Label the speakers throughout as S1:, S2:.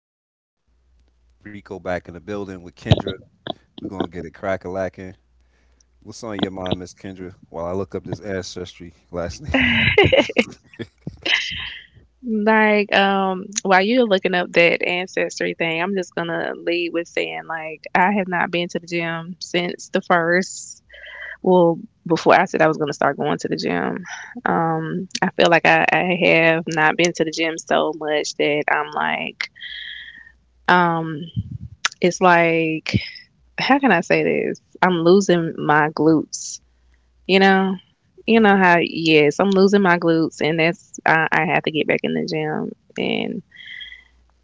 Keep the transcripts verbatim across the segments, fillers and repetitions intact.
S1: Guess what? Rico back in the building with Kendra. We're gonna get it crack a lacking. What's on your mind, Miss Kendra? While I look up this ancestry last name.
S2: Like, um, while you're looking up that ancestry thing, I'm just gonna lead with saying, like, I have not been to the gym since the first. Well, before I said I was gonna start going to the gym, um, I feel like I, I have not been to the gym so much that I'm like, um, it's like, how can I say this? I'm losing my glutes, you know. You
S1: Mm.
S2: know how, yes, I'm losing my glutes, and that's I, I have to get back in the gym, and.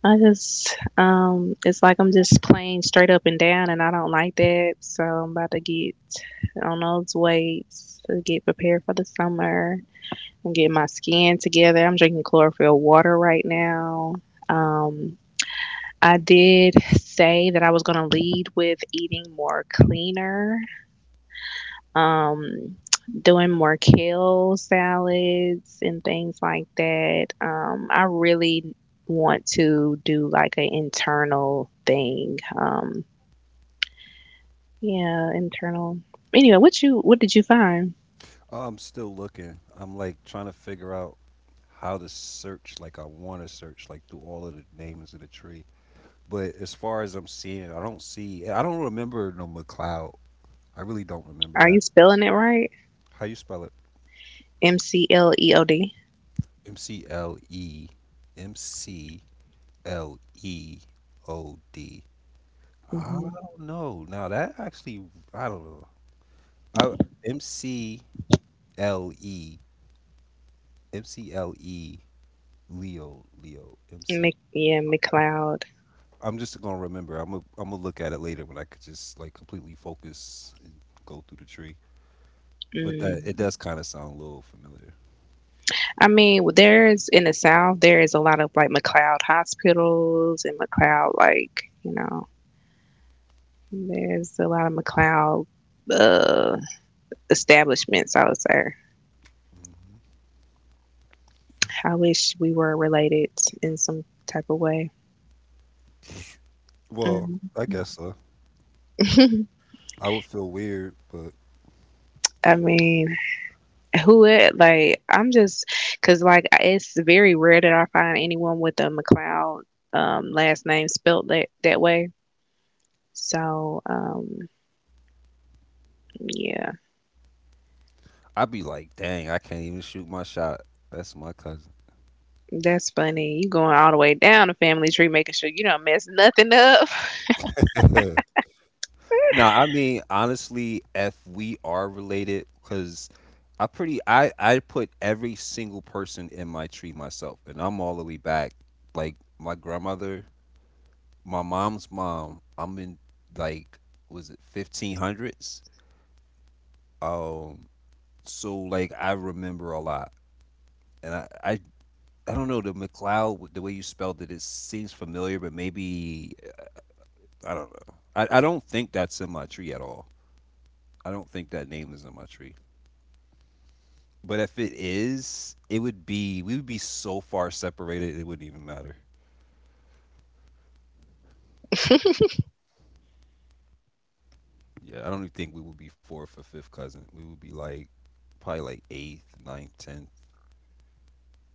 S2: I just, um, it's like I'm just playing straight up and down, and I don't like that. So I'm about to get on those weights to get prepared for the summer. I'm getting my skin together. I'm drinking chlorophyll water right now. Um, I did say that I was going to lead with eating more cleaner, um, doing more kale salads and things like that. Um, I really want to do like an internal thing. Um, yeah, internal. Anyway, what you what did you find?
S1: Oh, I'm still looking. I'm like trying to figure out how to search, like I want to search like through all of the names of the tree. But as far as I'm seeing, I don't see. I don't remember no McLeod. I really don't remember
S2: Are you
S1: that.
S2: spelling it right?
S1: How you spell it?
S2: M C L E O D.
S1: M C L E M C L E O D. I
S2: Mm-hmm.
S1: don't know. Now that actually, I don't know. I, M C L E M C L E Leo, Leo, M,
S2: Mc, yeah, McLeod.
S1: am just gonna remember. I'm gonna, I'm gonna look at it later when I could just like completely focus and go through the tree. But that it
S2: Mm.
S1: does kind of sound a little familiar.
S2: I mean, there's in the South, there is a lot of like McLeod hospitals and McLeod, like, you know. There's a lot of McLeod uh, establishments out there. I wish we were related in some type of way.
S1: Well,
S2: Mm.
S1: I guess so. I would feel weird, but
S2: I mean, who it like? I'm just because like it's very rare that I find anyone with a McLeod um, last name spelt that that way. So um, yeah,
S1: I'd be like, dang, I can't even shoot my shot. That's my cousin.
S2: that's funny. You going all the way down the family tree, making sure you don't mess nothing up.
S1: No, I mean honestly, if we are related, because I pretty I I put every single person in my tree myself, and I'm all the way back. Like my grandmother, my mom's mom. I'm in, like, was it fifteen hundreds? Um, so, like, I remember a lot, and I I, I don't know the McLeod the way you spelled it. It seems familiar, but maybe I don't know. I, I don't think that's in my tree at all. I don't think that name is in my tree. But if it is, it would be we would be so far separated it wouldn't even matter. Yeah, I don't even think we would be fourth or fifth cousin. We would be like probably like eighth, ninth, tenth,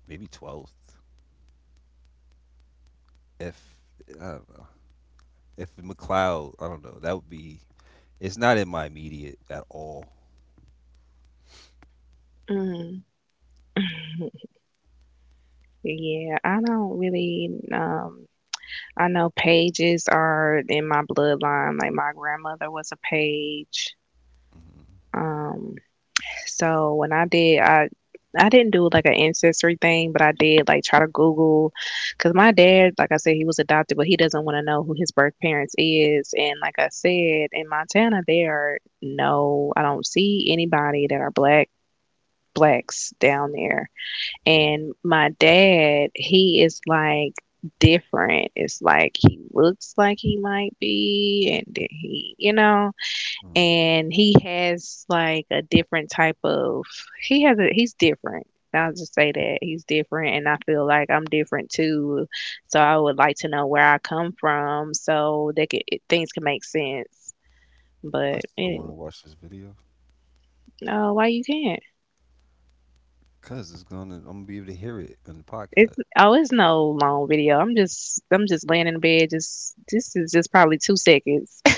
S1: maybe twelfth. If I don't know. If McLeod, I don't know. That would be. It's not in my immediate at all.
S2: Mm. Yeah, I don't really. Um, I know pages are in my bloodline. Like my grandmother was a page.
S1: Mm-hmm.
S2: Um, so when I did, I I didn't do like an ancestry thing, but I did like try to Google because my dad, like I said, he was adopted, but he doesn't want to know who his birth parents is. And like I said, in Montana, there are no, I don't see anybody that are black blacks down there. And my dad, he is like different. It's like he looks like he might be, and then he, you know,
S1: Mm-hmm.
S2: and he has like a different type of, he has a, he's different. I'll just say that he's different, and I feel like I'm different too. So I would like to know where I come from so that could, it, things can make sense.
S1: I
S2: But
S1: still want to
S2: it,
S1: watch this video
S2: no, why you can't?
S1: because it's gonna. I'm gonna be able to hear it in the
S2: It's
S1: podcast.
S2: oh, it's no long video. I'm just I'm just laying in bed. Just this is just probably two seconds.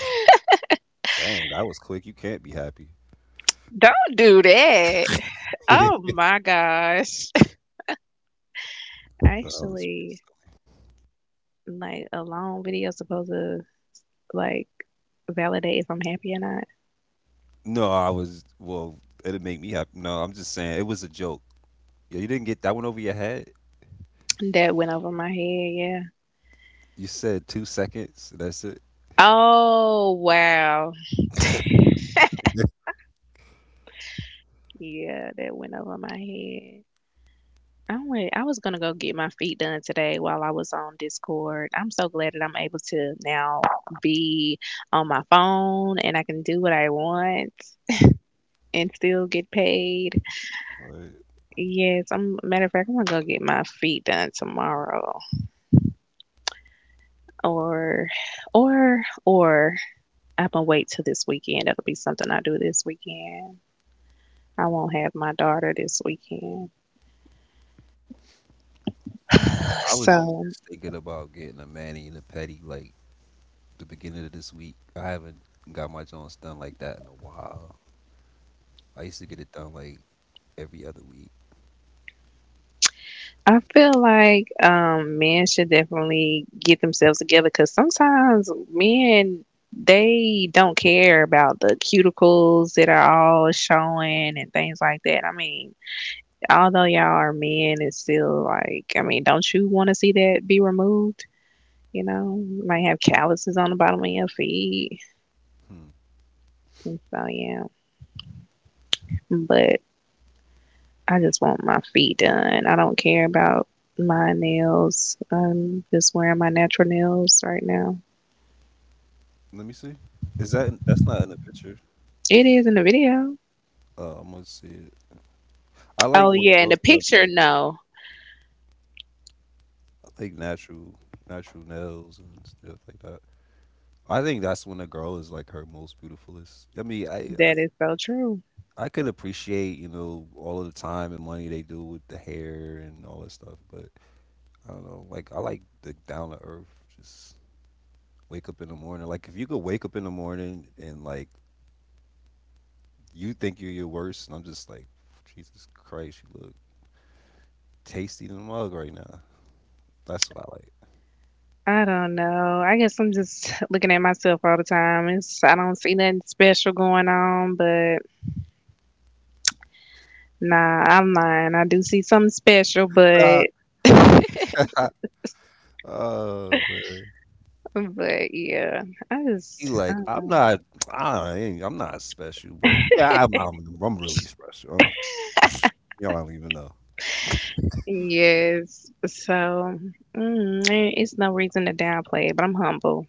S1: Dang, that was quick. You can't be happy.
S2: Don't do that. Oh my gosh.
S1: Um,
S2: Actually, like a long video supposed to like validate if I'm happy or not.
S1: No, I was, well, it'd make me happy. No, I'm just saying it was a joke. Yeah, you didn't get that one over your head.
S2: That went over my head. Yeah.
S1: You said two seconds, and that's it.
S2: Oh wow. Yeah, that went over my head. I went, I was gonna go get my feet done today while I was on Discord. I'm so glad that I'm able to now be on my phone and I can do what I want and still get paid.
S1: Like,
S2: Yes, I'm matter of fact, I'm gonna go get my feet done tomorrow. Or or or I'm gonna wait till this weekend. That'll be something I do this weekend. I won't have my daughter this weekend.
S1: I was
S2: So
S1: just thinking about getting a mani and a pedi, like the beginning of this week. I haven't got my joints done like that in a while. I used to get it done like every other week.
S2: I feel like um, men should definitely get themselves together because sometimes men they don't care about the cuticles that are all showing and things like that. I mean, although y'all are men, it's still like I mean, don't you want to see that be removed? You know, you might have calluses on the bottom of your feet.
S1: Hmm.
S2: And so yeah, but I just want my feet done. I don't care about my nails. I'm just wearing my natural nails right now.
S1: Let me see. Is that in- that's not in the picture?
S2: It is in the video.
S1: Uh, I'm gonna see it. I like
S2: Oh
S1: when
S2: yeah, in the
S1: girls have,
S2: picture,
S1: like,
S2: no.
S1: I like natural natural nails and stuff like that. I think that's when a girl is like her most beautifulest. I mean, I, I
S2: That is so true.
S1: I could appreciate you know all of the time and money they do with the hair and all that stuff, but I don't know. Like, I like the down to earth. Just wake up in the morning. Like if you could wake up in the morning and, like, you think you're your worst, and I'm just like, Jesus Christ, you look tasty in the mug right now. That's what I like.
S2: I don't know. I guess I'm just looking at myself all the time. It's I don't see nothing special going on, but nah, I'm lying. I do see something special, but
S1: Uh, Oh man,
S2: but yeah, I just
S1: you, like,
S2: uh,
S1: I'm not. I ain't, I'm not special, but yeah, I'm. I'm, I'm really special. Y'all don't even know.
S2: yes. So mm, eh, it's no reason to downplay it, but I'm humble.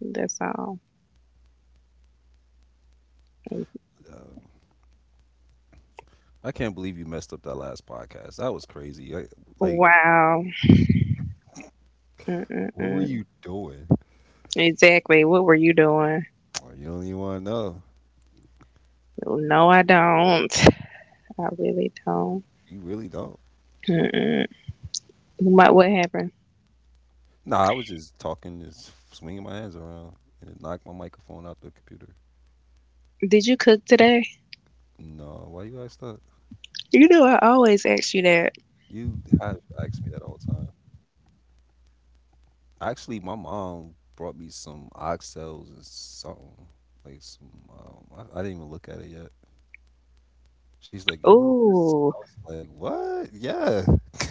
S2: That's all.
S1: Um, I can't believe you messed up that last podcast. That was crazy. I, like,
S2: Wow.
S1: what were
S2: Mm-mm-mm.
S1: you doing?
S2: Exactly. What were you doing?
S1: Like, you don't even want to know.
S2: No, I don't. I really don't.
S1: You really don't.
S2: Mm-mm. What, what happened?
S1: Nah, I was just talking, just swinging my hands around, and it knocked my microphone out the computer.
S2: Did you cook today?
S1: No, why you asked that?
S2: You know, I always ask you that.
S1: You have asked me that all the time. Actually, my mom brought me some oxtails and something like some. Um, I, I didn't even look at it yet. She's like, "You want this?"
S2: Ooh,
S1: I was like, "What? Yeah."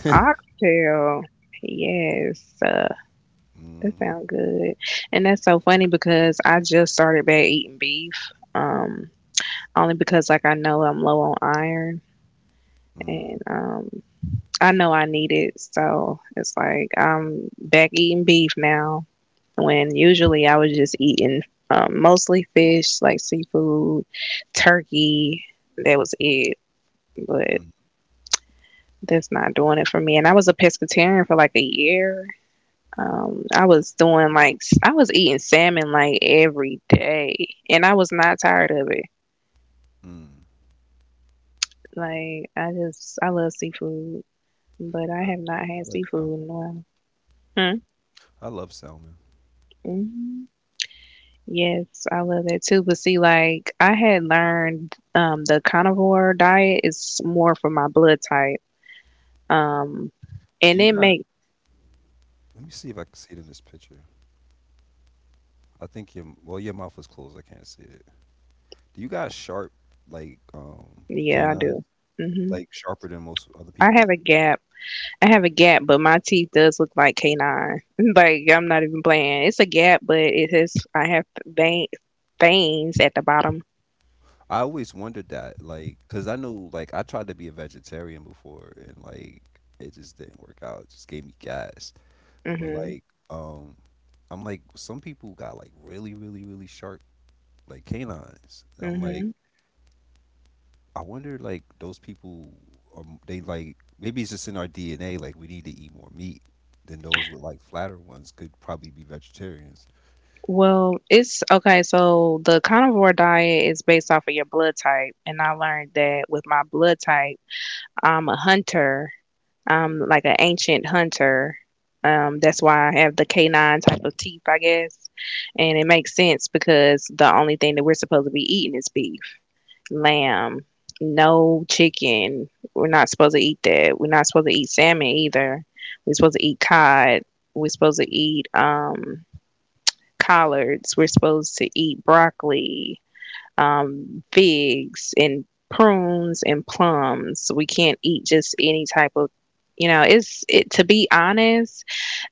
S2: oxtail. Yes, uh, that
S1: Hmm.
S2: sounds good. And that's so funny because I just started back eating beef. Um, only because like I know I'm low on iron,
S1: Mm,
S2: and um I know I need it, so it's like I'm back eating beef now. When usually I was just eating um, mostly fish, like seafood, turkey. That was it. But
S1: mm,
S2: that's not doing it for me. And I was a pescatarian for like a year. Um, I was doing like I was eating salmon like every day, and I was not tired of it.
S1: mm.
S2: Like I just I love seafood, but I
S1: I,
S2: have not had
S1: I like salmon.
S2: seafood in a while. Hmm?
S1: I love salmon.
S2: Mhm. Yes, I love that too. But see, like I had learned um the carnivore diet is more for my blood type. Um
S1: Do
S2: and
S1: you
S2: it
S1: got?
S2: make
S1: Let me see if I can see it in this picture. I think your well, your mouth is closed. I can't see it. Do you got sharp, like, um
S2: yeah, I
S1: canines?
S2: do. Hmm.
S1: Like sharper than most other
S2: I
S1: people?
S2: have a gap. I have a gap, but my teeth does look like canine. Like I'm not even playing. It's a gap, but it has I have vein, veins at the bottom.
S1: I always wondered that, like, cause I know, like, I tried to be a vegetarian before, and, like, it just didn't work out. It just gave me gas. But
S2: Hmm.
S1: like, um, I'm like, some people got like really, really, really sharp, like, canines. I'm like.
S2: Hmm.
S1: I wonder like those people are m- they, like, maybe it's just in our D N A, like we need to eat more meat. Then those with like flatter ones could probably be vegetarians.
S2: Well, it's okay. So the carnivore diet is based off of your blood type, and I learned that with my blood type. I'm a hunter. I'm like an ancient hunter. Um, that's why I have the canine type of teeth, I guess. And it makes sense because the only thing that we're supposed to be eating is beef, lamb, no chicken. We're not supposed to eat that. We're not supposed to eat salmon either. We're supposed to eat cod. We're supposed to eat um, collards. We're supposed to eat broccoli, um, figs and prunes and plums. We can't eat just any type of, you know, it's it, to be honest,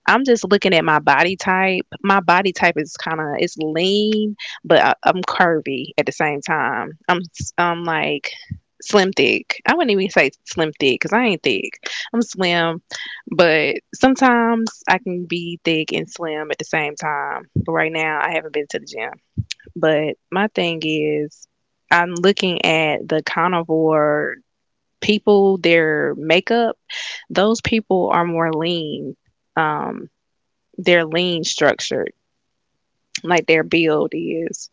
S2: I'm just looking at my body type. My body type is kind of it's lean, but I, I'm curvy at the same time. I'm s- I'm like slim thick. I wouldn't even say slim thick because I ain't thick. I'm slim, but sometimes I can be thick and slim at the same time. But right now, I haven't been to the gym. But my thing is, I'm looking at the carnivore people, their makeup, those people are more lean. Um, they're lean structured, like their build is.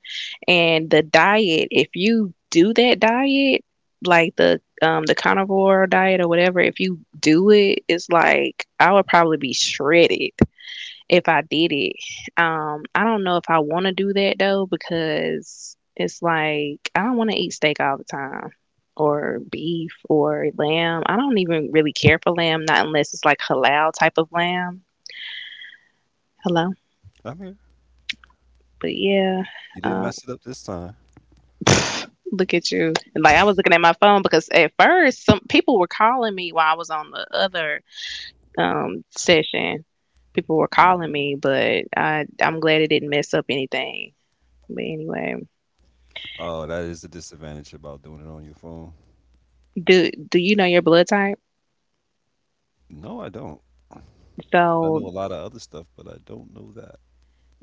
S2: And the diet, if you do that diet, like the um the carnivore diet or whatever, if you do it, it's like I would probably be shredded if I did it. Um, I don't know if I want to do that though because it's like I don't want to eat steak all the time or beef or lamb. I don't even really care for lamb, not unless it's like halal type of lamb. Hello.
S1: I'm here.
S2: But yeah,
S1: You didn't
S2: uh,
S1: mess it up this time.
S2: look at you. Like I was looking at my phone because at first some people were calling me while I was on the other, um, session. People were
S1: Mm.
S2: calling me, but I I'm glad it didn't mess up anything. But anyway,
S1: Oh, that is the disadvantage about doing it on your phone.
S2: do do you know your blood type?
S1: No, I don't. I
S2: So
S1: know a lot of other stuff, but I don't know that.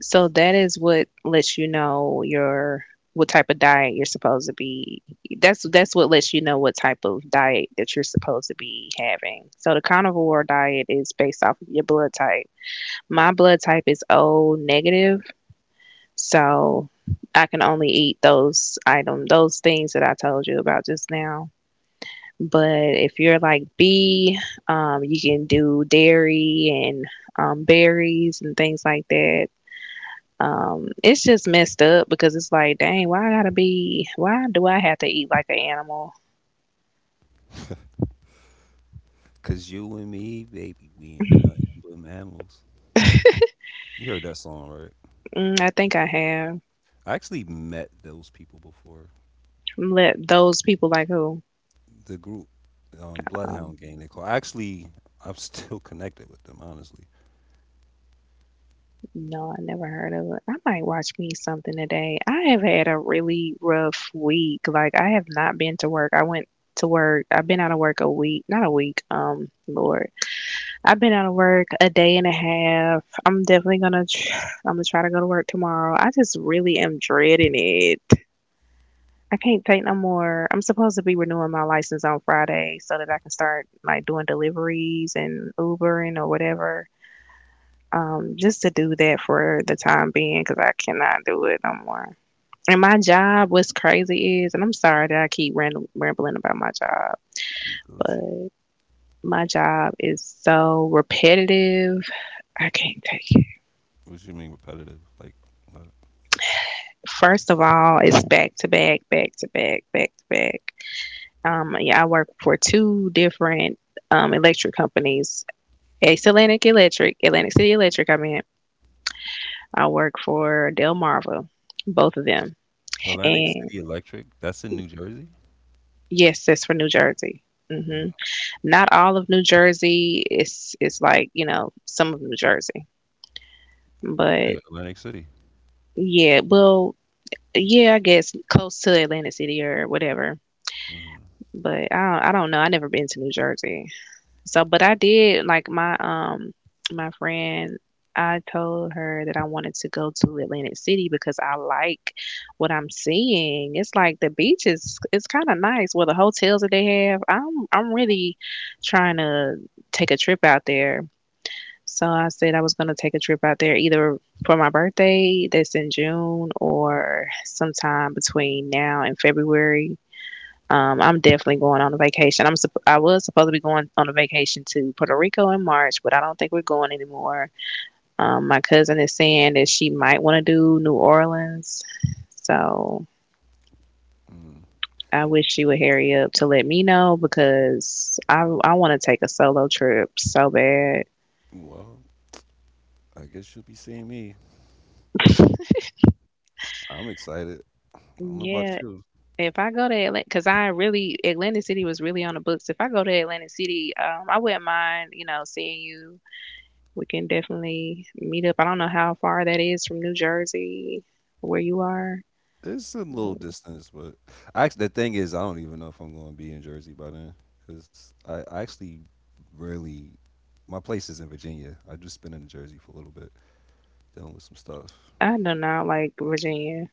S2: so that is what lets you know your what type of diet you're supposed to be. That's that's what lets you know what type of diet that you're supposed to be having. So the carnivore diet is based off of your blood type. My blood type is O negative, so I can only eat those item those things that I told you about just now. But if you're like B, um, you can do dairy and, um, berries and things like that. Um, it's just messed up because it's like, dang, why I gotta be? Why do I have to eat like an animal?
S1: Cause you and me, baby, we ain't nothing but mammals. You heard that song, right?
S2: Mm, I think I have
S1: I actually met those people before.
S2: let those people like who.
S1: The group on
S2: Um,
S1: Bloodhound Gang. They call. Actually, I'm still connected with them. Honestly,
S2: no, I never heard of it. I might watch me something today. I have had a really rough week. Like I have not been to work. I went to work. I've been out of work a week, not a week. Um, Lord, I've been out of work a day and a half. I'm definitely gonna tr- I'm gonna try to go to work tomorrow. I just really am dreading it. I can't take no more. I'm supposed to be renewing my license on Friday so that I can start like doing deliveries and Ubering or whatever. Um, just to do that for the time being because I cannot do it no more. And my job, what's crazy is, and I'm sorry that I keep ram- rambling about my job,
S1: you Gucci.
S2: but my job is so repetitive. I can't take.
S1: What you mean repetitive? Like, what?
S2: First of all, it's back to back, back to back, back to back. Um, yeah, I work for two different um, electric companies. Ace Atlantic Electric, Atlantic City Electric, I mean. I work for Delmarva, both of them.
S1: Atlantic
S2: And
S1: City Electric. That's in New Jersey.
S2: yes, that's for New Jersey. hmm
S1: Mm.
S2: Not all of New Jersey. It's, it's like, you know, some of New Jersey.
S1: Yeah,
S2: But
S1: Atlantic City.
S2: yeah, well, yeah, I guess close to Atlantic City or whatever.
S1: Mm,
S2: But I don't, I don't know. I have never been to New Jersey. So, but I did like my um my friend. I told her that I wanted to go to Atlantic City because I like what I'm seeing. It's like the beach is it's kind of nice. Well, the hotels that they have, I'm I'm really trying to take a trip out there. So I said I was going to take a trip out there either for my birthday that's in June or sometime between now and February. um, I'm definitely going on a vacation. I'm supp- I was supposed to be going on a vacation to Puerto Rico in March, but I don't think we're going anymore. Um, my cousin is saying that she might want to do New Orleans, so
S1: mm.
S2: I wish she would hurry up to let me know because I I want to take a solo trip so bad.
S1: Well, I guess you'll be seeing me. I'm excited. I don't know about
S2: Yeah,
S1: you.
S2: if I go to Atlanta, because I really Atlantic City was really on the books. If I go to Atlantic City, um, I wouldn't mind, you know, seeing you. We can definitely meet up. I don't know how far that is from New Jersey, where you are.
S1: It's a little distance, but actually, the thing is, I don't even know if I'm going to be in Jersey by then because I, I actually, really, my place is in Virginia. I just been in Jersey for a little bit, dealing with some stuff.
S2: I do not like Virginia.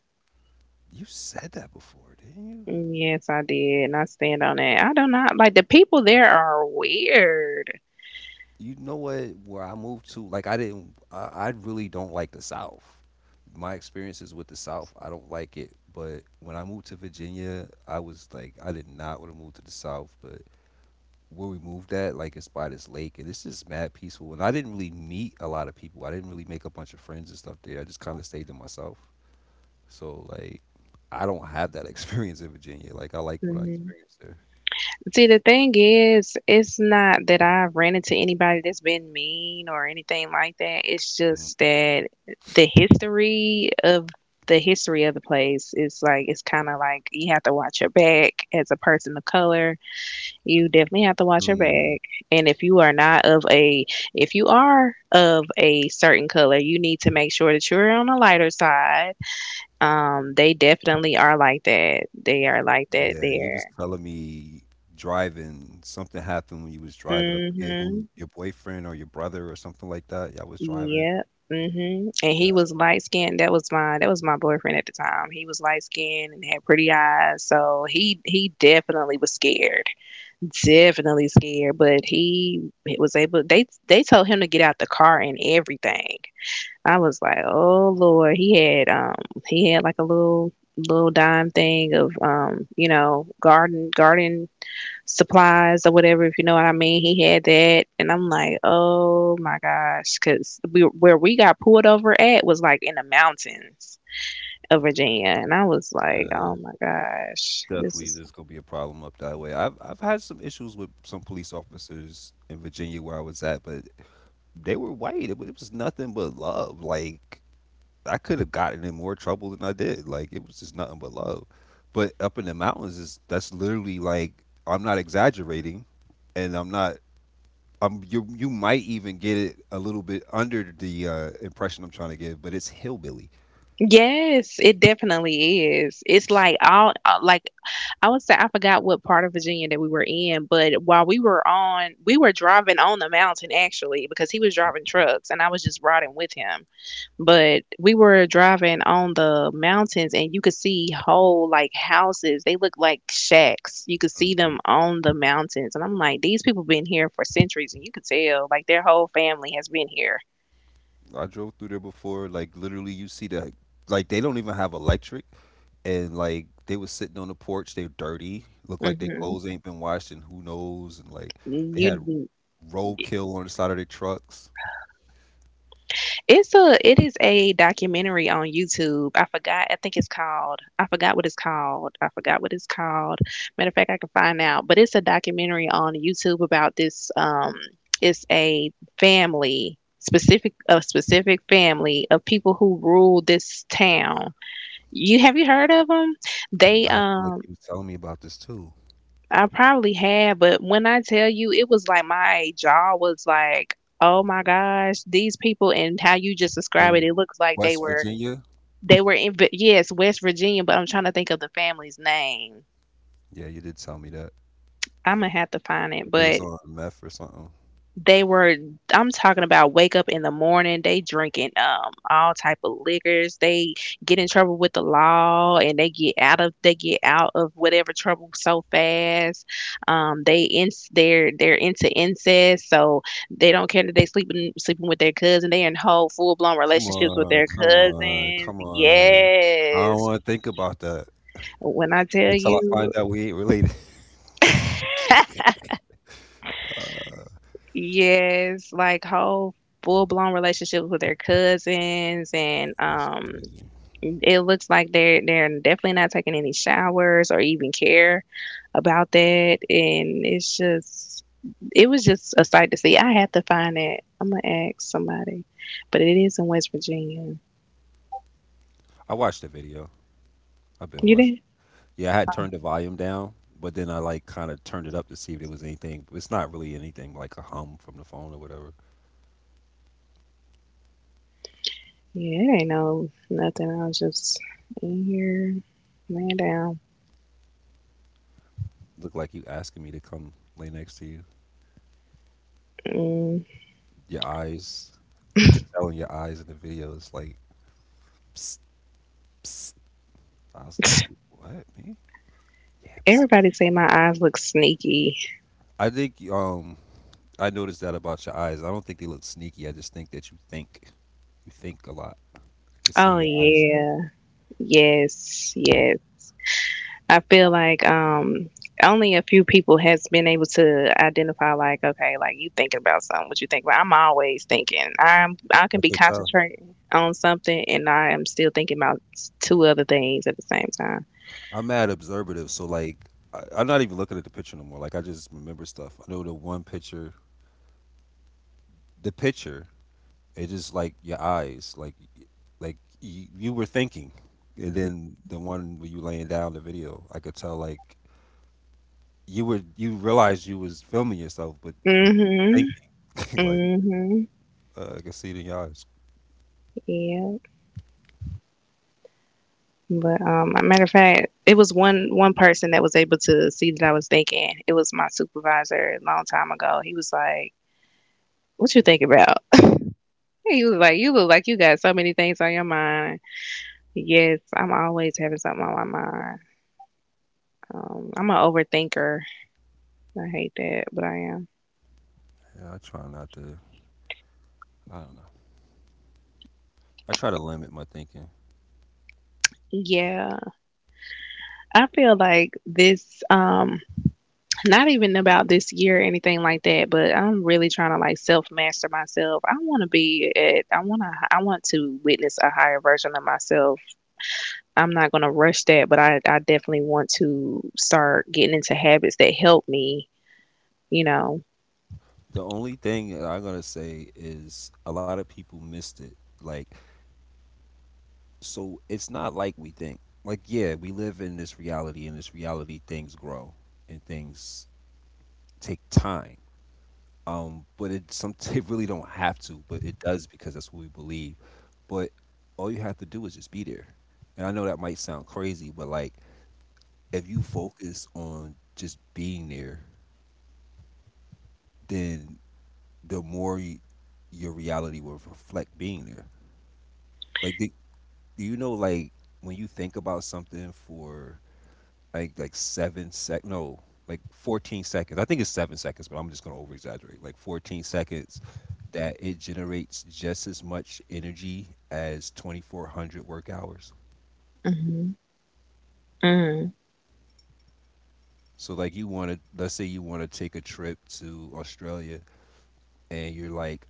S1: You said that before, didn't you?
S2: Mm, yes, I did, and I stand on that. I do not like the people there are weird.
S1: You know what? Where I moved to, like I didn't. I, I really don't like the South. My experiences with the South, I don't like it. But when I moved to Virginia, I was like, I did not want to move to the South. But where we moved at, like it's by this lake, and it's just mad peaceful. And I didn't really meet a lot of people. I didn't really make a bunch of friends and stuff there. I just kind of stayed to myself. So, like, I don't have that experience in Virginia. Like, I liked what I
S2: hmm
S1: experienced there.
S2: See, the thing is, it's not that I've ran into anybody that's been mean or anything like that. It's
S1: Mm.
S2: just that the history of the history of the place is like it's kind of like you have to watch your back as a person of color. You definitely have to watch your
S1: Mm.
S2: bag. And if you are not of a, if you are of a certain color, you need to make sure that you're on the lighter side. Um, they definitely are like that. They are like that
S1: Yeah, you was
S2: there.
S1: telling me driving, something happened when you was driving. I forget who,
S2: Mm-hmm.
S1: your boyfriend or your brother or something like that. Y'all was driving.
S2: Yep. Mm-hmm. And
S1: Yeah,
S2: he was light skinned. That was my that was my boyfriend at the time. He was light skinned and had pretty eyes. So he he definitely was scared. Definitely scared. But he was able, they they told him to get out the car and everything. I was like, oh Lord, he had um he had like a little little dime thing of um you know garden garden supplies or whatever, if you know what I mean. He had that, and I'm like, oh my gosh, because we where we got pulled over at was like in the mountains of Virginia, and I was like,
S1: yeah.
S2: oh my gosh, this
S1: Definitely
S2: is
S1: there's gonna be a problem up that way. I've I've had some issues with some police officers in Virginia where I was at, but they were white. It, wa- it was nothing but love. Like, I could have gotten in more trouble than I did. Like it was just nothing but love. But up in the mountains is that's literally like I'm not exaggerating and I'm not, um, you you might even get it a little bit under the uh, impression I'm trying to give, but it's hillbilly.
S2: yes, it definitely is. It's like all uh, like I would say I forgot what part of Virginia that we were in, but while we were on, we were driving on the mountain actually because he was driving trucks and I was just riding with him. But we were driving on the mountains and you could see whole like houses. They look like shacks. You could see
S1: Hmm.
S2: them on the mountains. And I'm like, these people been here for centuries and you could tell like their whole family has been here.
S1: I drove through there before. Like literally, you see the, like, they don't even have electric, and like they was sitting on the porch. They're dirty, look like their
S2: hmm
S1: clothes ain't been washed, and who knows? And like they had
S2: You.
S1: roadkill on the side of their trucks.
S2: It's a it is a documentary on YouTube. I forgot. I think it's called. I forgot what it's called. I forgot what it's called. Matter of fact, I can find out. But it's a documentary on YouTube about this. Um, it's a family specific a specific family of people who rule this town. You have you heard of them?
S1: Yeah,
S2: They
S1: I feel like you
S2: um.
S1: was telling me about this too
S2: I probably have, but when I tell you, it was like my jaw was like, oh my gosh, these people and how you just describe it,
S1: in
S2: it looks like they
S1: West
S2: were
S1: Virginia.
S2: they were in yes, West Virginia, but I'm trying to think of the family's name.
S1: Yeah, you did tell me that
S2: I'm gonna have to find it,
S1: they was
S2: but
S1: on meth or something.
S2: they were. I'm talking about wake up in the morning. They drinking um all type of liquors. They get in trouble with the law, and they get out of they get out of whatever trouble so fast. Um, they in they're they're into incest, so they don't care that they sleeping sleeping with their cousin. They in whole full blown
S1: Come
S2: relationships with
S1: on,
S2: their
S1: come on,
S2: cousins.
S1: come on. I don't
S2: Yes,
S1: want to think about that
S2: when I tell
S1: until I
S2: you.
S1: find out we ain't related. Uh,
S2: Yes, like whole full blown relationships with their cousins and
S1: that's
S2: um
S1: crazy.
S2: it looks like they're they're definitely not taking any showers or even care about that, and it's just it was just a sight to see. I had to find it. I'm gonna ask somebody. But it is in West Virginia.
S1: I watched the video. I've been
S2: You
S1: watching.
S2: did?
S1: Yeah, I had turned the volume down, but then I like kind of turned it up to see if there was anything. It's not really anything but, like, a hum from the phone or whatever.
S2: Yeah, it ain't no nothing. I was just in here laying down.
S1: Looked like you asking me to come lay next to you.
S2: Mm.
S1: Your eyes, I could tell in your eyes in the video. It's like, psst, psst. I was like, what me? Yeah, psst, psst.
S2: Everybody say my eyes look sneaky.
S1: I think um I noticed that about your eyes. I don't think they look sneaky. I just think that you think. You think a lot. I can see in
S2: Oh
S1: your eyes.
S2: yeah. Yes, yes. I feel like um only a few people has been able to identify like, okay, like you thinking about something, what you think about. I'm always thinking. I'm I can
S1: I
S2: be
S1: could tell.
S2: concentrating on something and I am still thinking about s- two other things at the same time.
S1: I'm mad observative, so, like, I, I'm not even looking at the picture no more. Like, I just remember stuff. I know the one picture, the picture. It just like your eyes, like y- like you, you were thinking, and then the one where you laying down the video. I could tell like you were you realized you was filming yourself, but you
S2: Mhm.
S1: thinking like,
S2: Mhm.
S1: uh, I can see it in your eyes.
S2: Yeah. But um a matter of fact, it was one one person that was able to see that I was thinking. It was my supervisor a long time ago. He was like, what you think about? He was like, you look like you got so many things on your mind. Yes, I'm always having something on my mind. Um, I'm an overthinker. I hate that, but I am.
S1: Yeah, I try not to. I don't know. I try to limit my thinking.
S2: Yeah, I feel like this, um, not even about this year or anything like that, but I'm really trying to like self master myself. I want to be at, I want to, I want to witness a higher version of myself. I'm not going to rush that, but I, I definitely want to start getting into habits that help me, you know.
S1: The only thing that I'm gonna say is a lot of people missed it. Like, so it's not like we think. Like, yeah, we live in this reality, and this reality things grow and things take time. Um, but it some it really don't have to, but it does because that's what we believe. But all you have to do is just be there. And I know that might sound crazy, but like if you focus on just being there, then the more y your reality will reflect being there. Like, do, do you know, like, when you think about something for like like seven sec, no, like fourteen seconds. I think it's seven seconds, but I'm just gonna over exaggerate. Like fourteen seconds, that it generates just as much energy as twenty-four hundred work hours.
S2: hmm hmm
S1: So, like, you want to, let's say you want to take a trip to Australia and you're like,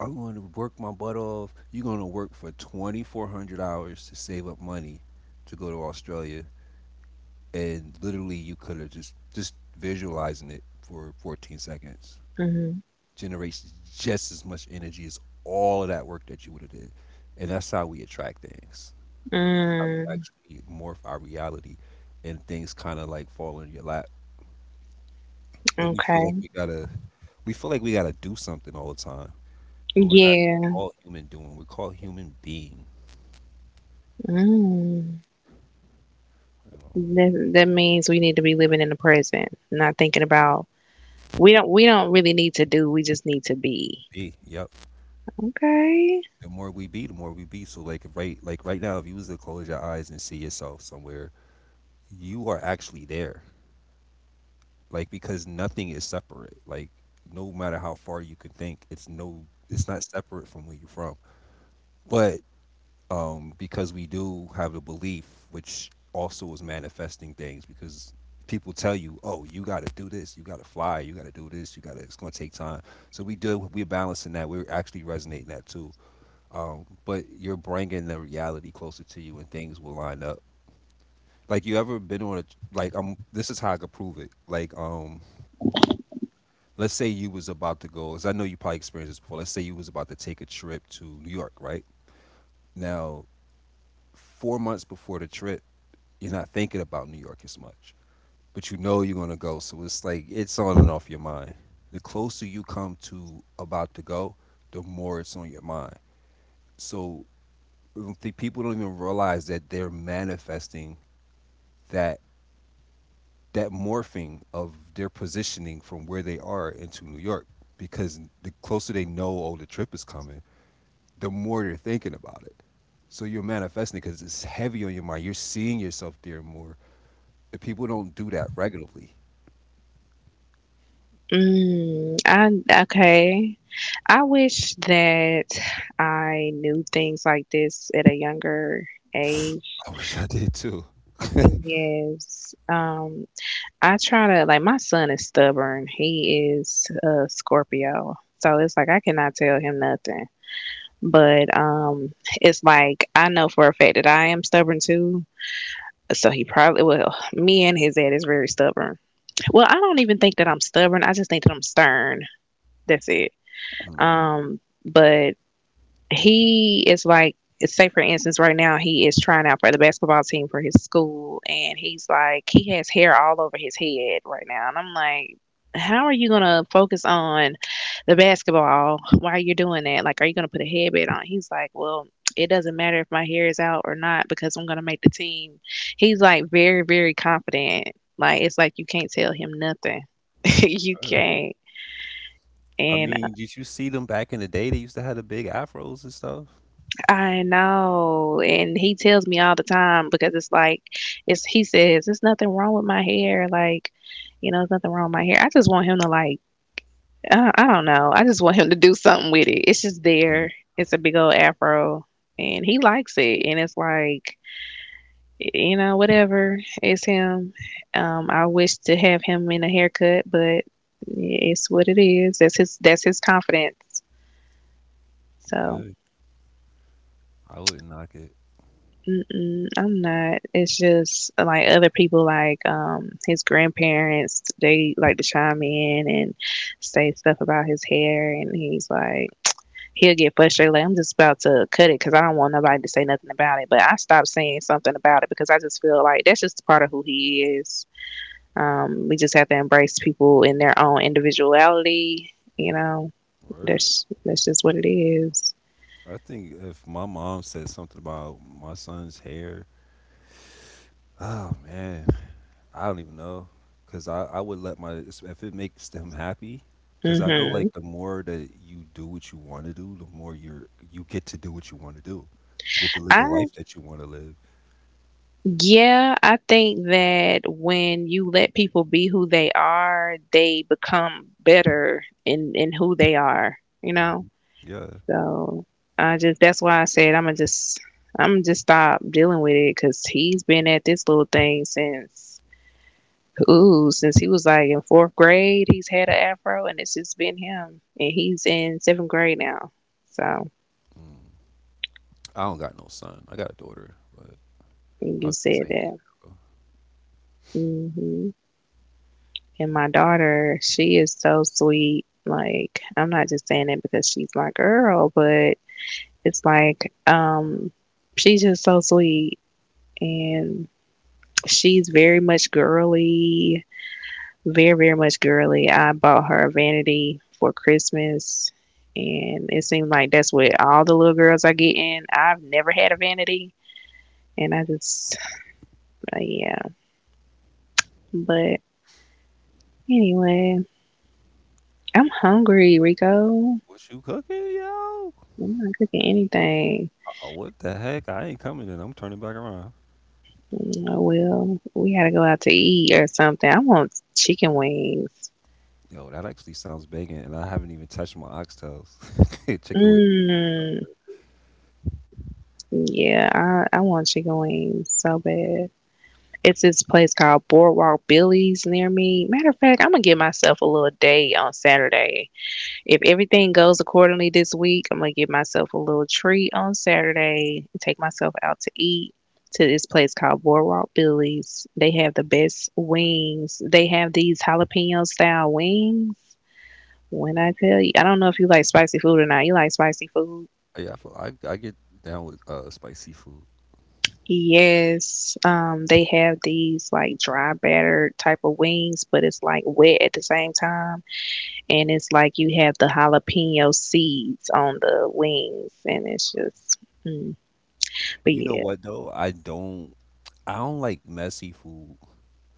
S1: I'm going to work my butt off. You're going to work for twenty-four hundred hours to save up money to go to Australia. And literally, you could have just, just visualizing it for fourteen seconds generates just as much energy as all of that work that you would have did. And that's how we attract things. That's how we
S2: Mm,
S1: actually morph our reality and things kind of like fall in your lap. But we feel like
S2: okay.
S1: we got to, we feel like we got to do something all the time. But we're not
S2: Yeah.
S1: called human doing. We're called human being.
S2: Mm.
S1: You know.
S2: That, that means we need to be living in the present, not thinking about we don't we don't really need to do, we just need to be.
S1: Be, yep.
S2: Okay.
S1: The more we be, the more we be. So like right like right now, if you was to close your eyes and see yourself somewhere, you are actually there. Like because nothing is separate. Like no matter how far you can think, it's no it's not separate from where you're from. But um because we do have the belief which also is manifesting things because people tell you, "Oh, you got to do this, you got to fly, you got to do this, you got to it's going to take time." So we do we're balancing that. We're actually resonating that too. Um, but you're bringing the reality closer to you and things will line up. Like you ever been on a Like, um this is how I could prove it. Like, um let's say you was about to go as I know you probably experienced this before, let's say you was about to take a trip to New York right now. Four months before the trip, you're not thinking about New York as much, but you know you're going to go, so it's like it's on and off your mind. The closer you come to about to go, the more it's on your mind. So I don't think people don't even realize that they're manifesting that that morphing of their positioning from where they are into New York, because the closer they know, oh, the trip is coming, the more they're thinking about it. So you're manifesting because it's heavy on your mind. You're seeing yourself there more. And people don't do that regularly.
S2: Mm, I okay. I wish that I knew things like this at a younger age.
S1: I wish I did too.
S2: Yes. Um, I try to like my son is stubborn. He is a Scorpio. So it's like I cannot tell him nothing. But um, it's like I know for a fact that I am stubborn too. So he probably well, me and his dad is very stubborn. Well, I don't even think that I'm stubborn. I just think that I'm stern. That's it.
S1: Mm.
S2: Um, but he is like say for instance right now he is trying out for the basketball team for his school and he's like he has hair all over his head right now and I'm like how are you gonna focus on the basketball while you're doing that, like are you gonna put a headband on? He's like, well, it doesn't matter if my hair is out or not because I'm gonna make the team. He's like very, very confident. Like it's like you can't tell him nothing. You
S1: Uh,
S2: can't.
S1: I
S2: And
S1: mean, did you see them back in the day? They used to have the big afros and stuff.
S2: I know. And he tells me all the time because it's like it's he says, there's nothing wrong with my hair, like, you know, there's nothing wrong with my hair. I just want him to like I, I don't know. I just want him to do something with it. It's just
S1: Mm.
S2: there. It's a big old afro and he likes it and it's like you know, whatever. It's him. Um, I wish to have him in a haircut, but it's what it is. That's his that's his confidence. So
S1: Yeah, I wouldn't knock it.
S2: Mm-mm, I'm not. It's just like other people, like um, his grandparents, they like to chime in and say stuff about his hair, and he's like, he'll get frustrated. Like I'm just about to cut it because I don't want nobody to say nothing about it. But I stopped saying something about it because I just feel like that's just part of who he is. Um, we just have to embrace people in their own individuality. You know,
S1: Word.
S2: that's that's just what it is.
S1: I think if my mom said something about my son's hair. Oh man, I don't even know, cause I I would let my if it makes them happy, cause I know
S2: Mm-hmm.
S1: like the more that you do what you want to do, the more you're you get to do what you want to do. You get to live the life that you want to live.
S2: Yeah, I think that when you let people be who they are, they become better in in who they are, you know?
S1: Hmm. Yeah.
S2: So, I just that's why I said I'm gonna just I'm gonna just stop dealing with it cuz he's been at this little thing since ooh, since he was like in fourth grade, he's had an afro and it's just been him and he's in seventh grade now. So,
S1: Mm. I don't got no son. I got a daughter, but I
S2: you
S1: was just
S2: said
S1: saying,
S2: that. Mhm. And my daughter, she is so sweet. Like, I'm not just saying it because she's my girl, but it's like, um, she's just so sweet. And she's very much girly, very, very much girly. I bought her a vanity for Christmas. And it seems like that's what all the little girls are getting. I've never had a vanity. And I just, uh, yeah. But anyway, I'm hungry, Rico. I'm
S1: what you cooking, yo?
S2: not cooking anything.
S1: Oh, what the heck? I ain't coming and I'm turning back around.
S2: Oh, well, we gotta go out to eat or something. I want chicken wings.
S1: Yo, that actually sounds banging, and I haven't even touched my oxtails, chicken.
S2: Mm, yeah, I, I want chicken wings so bad. It's this place called Boardwalk Billy's near me. Matter of fact, I'm gonna give myself a little day on Saturday. If everything goes accordingly this week, I'm gonna give myself a little treat on Saturday and take myself out to eat to this place called Boardwalk Billy's. They have the best wings. They have these jalapeno style wings. When I tell you, I don't know if you like spicy food or not. You like spicy food?
S1: Yeah, I, feel- I I get down with uh spicy food.
S2: Yes. Um, they have these like dry batter type of wings, but it's like wet at the same time, and it's like you have the jalapeno seeds on the wings, and it's just. Mm. But
S1: You know
S2: yeah.
S1: what though? I don't I don't like messy food,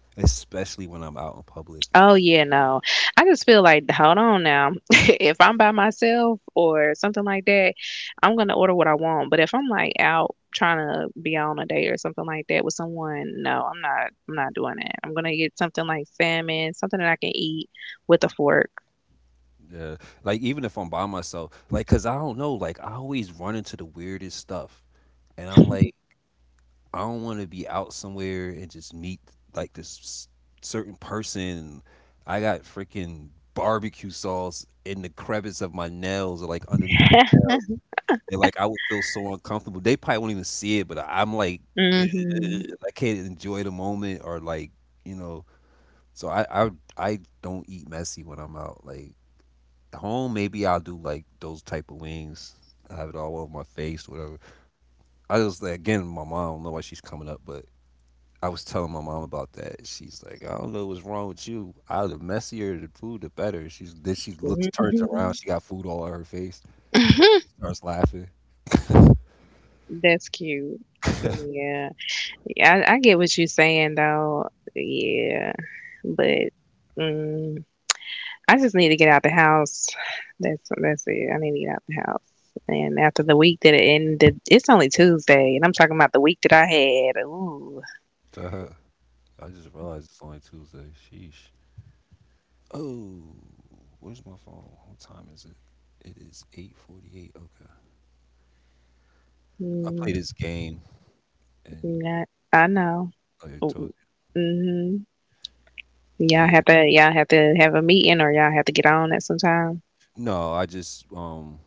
S1: especially when I'm out in public.
S2: Oh yeah, no. I just feel like, hold on now. If I'm by myself or something like that, I'm gonna order what I want. But if I'm like out trying to be on a date or something like that with someone, no, I'm not. I'm not doing that. I'm gonna get something like salmon, something that I can eat with a fork.
S1: Yeah, like even if I'm by myself, like cause I don't know, like I always run into the weirdest stuff, and I'm like I don't want to be out somewhere and just meet like this s- certain person. I got freaking barbecue sauce in the crevice of my nails or like underneath my
S2: Hmm.
S1: nails. And, like, I would feel so uncomfortable. They probably won't even see it, but I- I'm like, I can't enjoy the moment or like, you know. So I I I don't eat messy when I'm out. Like home, maybe I'll do like those type of wings. I have it all over my face, whatever. I was like, again, my mom. I don't know why she's coming up, but I was telling my mom about that. She's like, I don't know what's wrong with you. I The messier the food, the better. She's Then she looks turns around.
S2: Hmm.
S1: She got food all on her face. And she starts laughing.
S2: That's cute. Yeah. Yeah, I, I get what you're saying though. Yeah, but. Mm. I just need to get out the house. That's that's it. I need to get out the house. And after the week that it ended, it's only Tuesday, and I'm talking about the week that I had. Ooh,
S1: To her. I just realized it's only Tuesday. Sheesh. Oh, where's my phone? What time is it? It is eight forty-eight. Okay. I
S2: mm,
S1: played this game and
S2: yeah, I know.
S1: oh, yeah, I already told
S2: Mm-hmm.
S1: you.
S2: Y'all have
S1: Yeah.
S2: to y'all have to have a meeting, or y'all have to get on at some time.
S1: No, I just um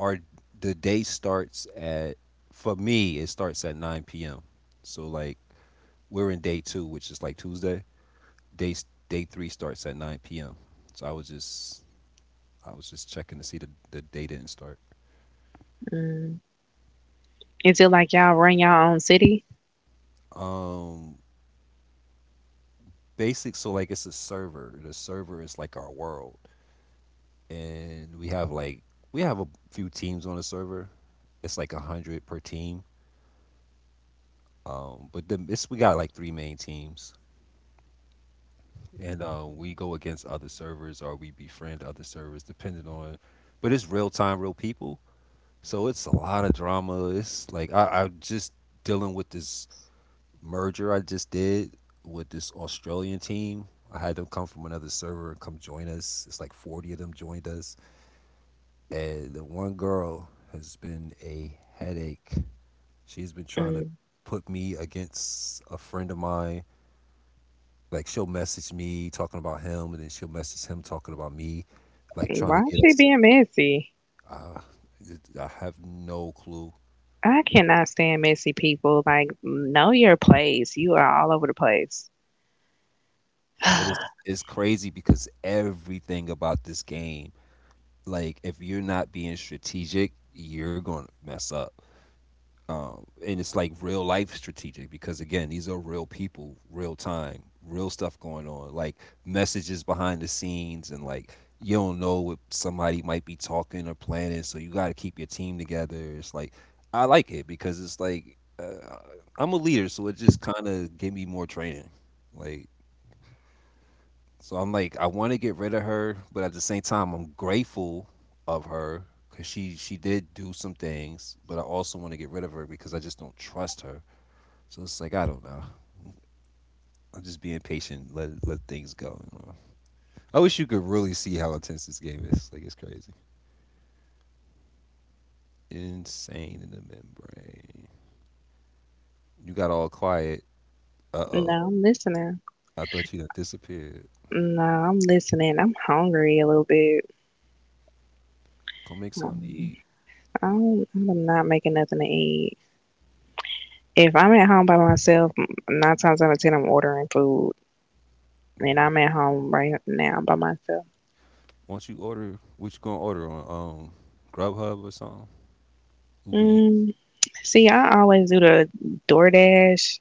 S1: our the day starts at for me it starts at nine p m. So like we're in day two, which is like Tuesday. Day s- day three starts at nine p m. So I was just I was just checking to see the the day didn't start.
S2: Mm. Is it like y'all run your own city?
S1: Um basic So like it's a server. The server is like our world, and we have like we have a few teams on the server. It's like a hundred per team. Um but then it's we got like three main teams, and uh, we go against other servers or we befriend other servers depending on. But it's real time, real people, so it's a lot of drama. It's like i i just dealing with this merger I just did with this Australian team. I had them come from another server and come join us. It's like forty of them joined us. And the one girl has been a headache. She's been trying to
S2: Mm.
S1: put me against a friend of mine. Like she'll message me talking about him, and then she'll message him talking about me, like trying
S2: Why
S1: to
S2: is
S1: get
S2: she
S1: us.
S2: being messy?
S1: Uh, I have no clue.
S2: I cannot stand messy people. Like, know your place. You are all over the place.
S1: But it's it's crazy because everything about this game, like if you're not being strategic, you're gonna mess up. Um, and it's like real life strategic because again these are real people, real time, real stuff going on, like messages behind the scenes. And like you don't know what somebody might be talking or planning, so you got to keep your team together. It's like I like it because it's like uh, I'm a leader, so it just kind of gave me more training. Like so I'm like, I want to get rid of her, but at the same time, I'm grateful of her, because she she did do some things, but I also want to get rid of her because I just don't trust her. So it's like I don't know. I'm just being patient. Let let things go. You know? I wish you could really see how intense this game is. Like it's crazy, insane in the membrane. You got all quiet. Uh oh.
S2: No, I'm listening.
S1: I thought you had disappeared.
S2: No, I'm listening. I'm hungry a little bit.
S1: Go make something to eat.
S2: I'm, I'm not making nothing to eat. If I'm at home by myself, m- nine times out of ten, I'm ordering food. And
S1: What-
S2: I'm at home right now by myself.
S1: Once you order, what you gonna order on um Grubhub or something? Uber Eats.
S2: Mm, see, I always do the DoorDash.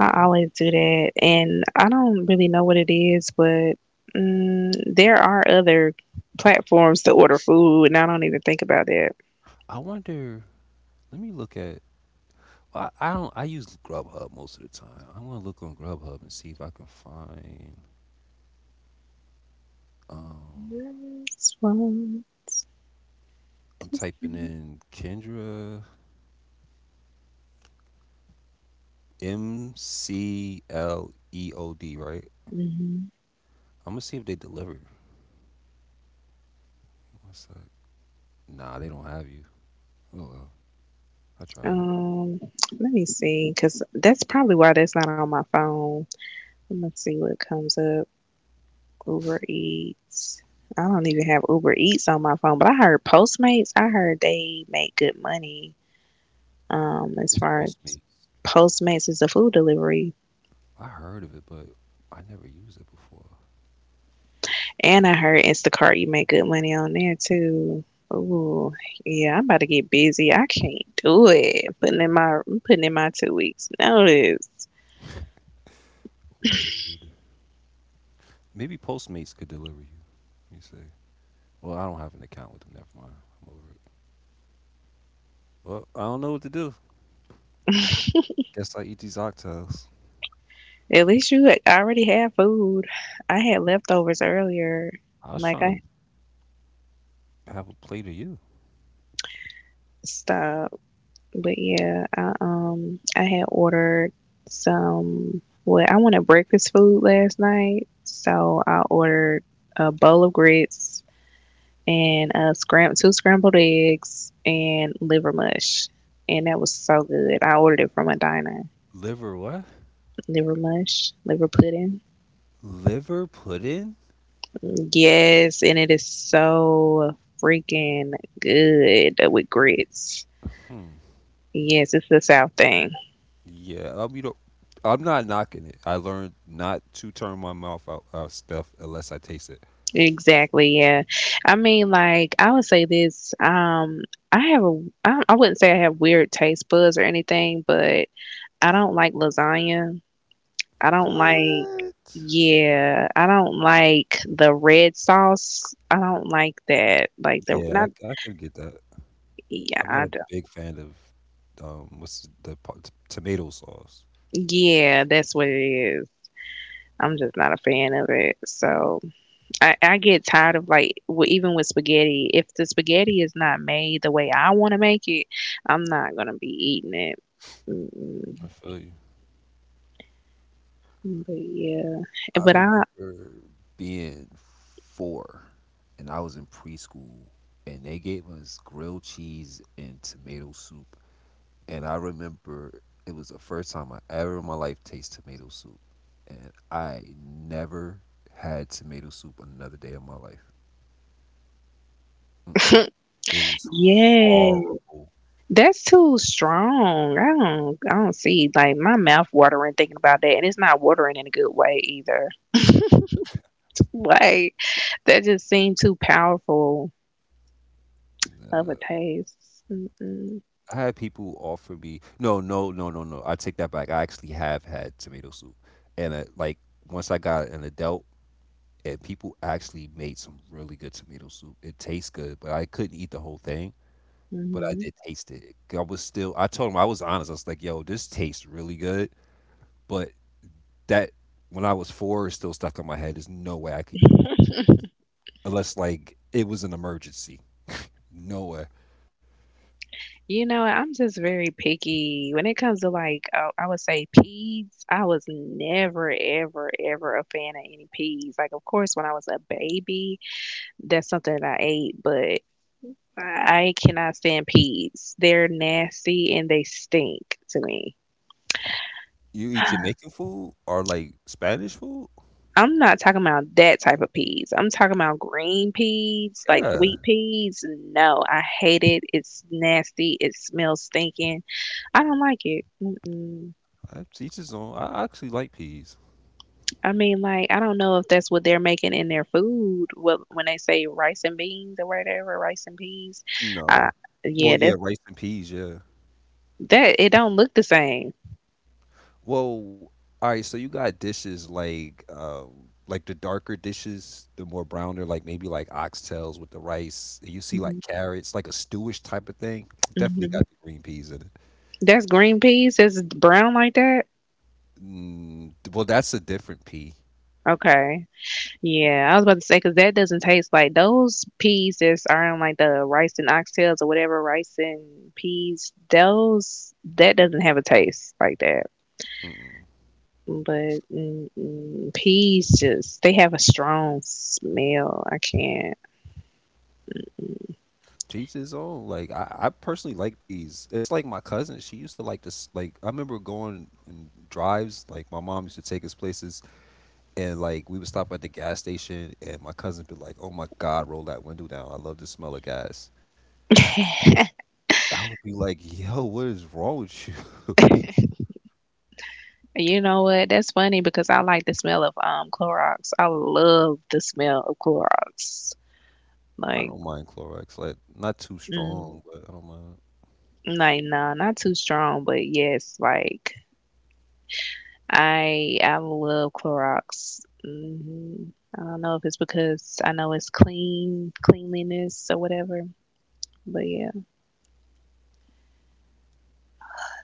S2: I always do that. And I don't really know what it is, but mm, there are other platforms to order food, and I don't even think about that.
S1: I wonder. Let me look at. Well, I, I don't. I use Grubhub most of the time. I want to look on Grubhub and see if I can find. Um,
S2: That's what-
S1: I'm typing in Kendra M C L E O D. Right.
S2: Mhm.
S1: I'm gonna see if they deliver. What's that? Nah, they don't have you. Oh well, I tried.
S2: Um, let me see, because that's probably why that's not on my phone. Let me see what comes up. Uber Eats. I don't even have Uber Eats on my phone, but I heard Postmates. I heard they make good money. Um,
S1: What's
S2: as far as
S1: Postmates?
S2: Postmates is a food delivery,
S1: I heard of it, but I never used it before.
S2: and I heard Instacart you make good money on there too. Ooh, yeah, I'm about to get busy. I can't do it. I'm putting in my I'm putting in my two weeks notice.
S1: Word. Maybe Postmates could deliver you. Let me see. Well, I don't have an account with them. Never mind. I'm over it. Well, I don't know what to do. Guess I eat these oxtails.
S2: At least you already had food. I had leftovers earlier.
S1: I was
S2: Like I
S1: trying to have a plate of you.
S2: stopped, but yeah, I um I had ordered some. Well, I wanted breakfast food last night, so I ordered a bowl of grits and a scram two scrambled eggs and liver mush, and that was so good. I ordered it from a diner.
S1: Liver what?
S2: Liver mush, liver pudding.
S1: Liver pudding?
S2: Yes, and it is so freaking good with grits.
S1: Hmm.
S2: Yes, it's the South thing.
S1: Yeah, I mean, I'm not knocking it. I learned not to turn my mouth out, out stuff unless I taste it.
S2: Exactly. Yeah. I mean, like I would say this. Um, I have a. I, I wouldn't say I have weird taste buds or anything, but I don't like lasagna. I don't like.
S1: What?
S2: Yeah, I don't like the red sauce. I don't like that. Like the
S1: Yeah,
S2: not.
S1: I, I can get that.
S2: Yeah,
S1: I'm not
S2: I
S1: a
S2: don't.
S1: big fan of um, what's the po- t- tomato sauce.
S2: Yeah, that's what it is. I'm just not a fan of it. So. I, I get tired of like w- even with spaghetti. If the spaghetti is not made the way I want to make it, I'm not gonna be eating it. Mm-mm.
S1: I feel you.
S2: But yeah,
S1: I
S2: but I
S1: remember being four, and I was in preschool, and they gave us grilled cheese and tomato soup. And I remember it was the first time I ever in my life tasted tomato soup, and I never had tomato soup another day of my life. Mm-mm. It was
S2: yeah,
S1: horrible.
S2: that's too strong. I don't I don't see like my mouth watering thinking about that, and it's not watering in a good way either. Like that just seemed too powerful of a
S1: Nah.
S2: taste. Mm-mm.
S1: I had people offer me. No, no, no, no, no. I take that back. I actually have had tomato soup, and uh like once I got an adult and people actually made some really good tomato soup. It tastes good, but I couldn't eat the whole thing. But I
S2: Hmm.
S1: did taste it. I was still. I told him I was honest. I was like, "Yo, this tastes really good." But that when I was four, it's still stuck in my head. There's no way I could eat a bowl of tomatoes unless like it was an emergency. No way.
S2: You know, I'm just very picky when it comes to like uh, I would say peas. I was never, ever, ever a fan of any peas. Like, of course, when I was a baby, that's something that I ate, but I cannot stand peas. They're nasty and they stink to me.
S1: You eat Jamaican food or like Spanish food?
S2: I'm not talking about that type of peas. I'm talking about green peas, like sweet
S1: Yeah,
S2: peas. No, I hate it. It's nasty. It smells stinking. I don't like it. Mm-mm.
S1: I teach his own. I actually like peas.
S2: I mean, like, I don't know if that's what they're making in their food wh- when they say rice and beans or whatever, rice and peas. Uh,
S1: No.
S2: yeah,
S1: Well,
S2: that
S1: yeah, rice and peas. Yeah.
S2: that it don't look the same.
S1: Well, all right. So you got dishes like, um, like the darker dishes, the more browner, like maybe like oxtails with the rice, and you see like carrots, like a stewish type of thing. Definitely
S2: Mm-hmm.
S1: got the green peas in it.
S2: That's green peas. That's brown like that.
S1: Mm, well, that's a different pea.
S2: Okay. Yeah, I was about to say because that doesn't taste like those peas that are in like the rice and oxtails or whatever rice and peas. Those that doesn't have a taste like that.
S1: Mm-mm.
S2: But mm, mm, peas just they have a strong smell. I can't.
S1: Teach his own. Like I, I personally like peas. It's like my cousin. She used to like this. Like I remember going on drives. Like my mom used to take us places, and like we would stop at the gas station, and my cousin be like, "Oh my God, roll that window down. I love the smell of gas." I would be like, "Yo, what is wrong with you?"
S2: You know what? That's funny because I like the smell of um Clorox. I love the smell of Clorox.
S1: I
S2: Like,
S1: don't mind Clorox, like, not too
S2: mm,
S1: strong, but I don't mind.
S2: like nah, not too strong, but yes, like I I love Clorox. Hmm. I don't know if it's because I know it's clean, cleanliness or whatever, but yeah.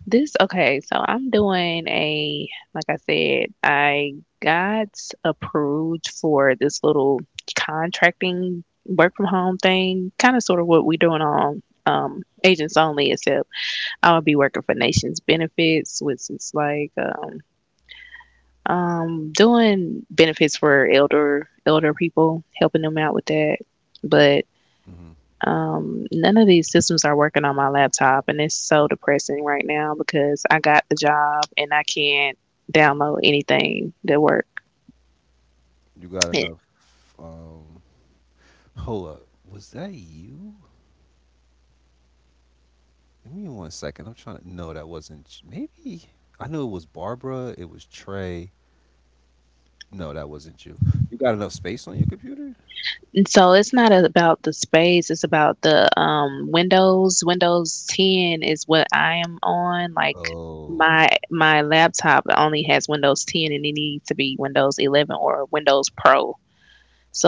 S2: This Okay, so I'm doing a like I said, I got approved for this little contracting work from home thing, kind of sort of what we're doing on um agents only, except I'll be working for Nations Benefits, which is like um um doing benefits for elder elder people, helping them out with that. But
S1: Mhm.
S2: um, none of these systems are working on my laptop, and it's so depressing right now because I got the job and I can't download anything that works.
S1: You got
S2: And
S1: enough, um hold up, was that you? Give me one second, I'm trying to. No, that wasn't ch maybe I knew it was Barbara, it was Trey. No, that wasn't you. You got enough space on your computer?
S2: so it's not about the space; it's about the um, Windows. Windows ten is what I am on. Like
S1: Oh,
S2: my my laptop only has Windows ten, and it needs to be Windows eleven or Windows Pro.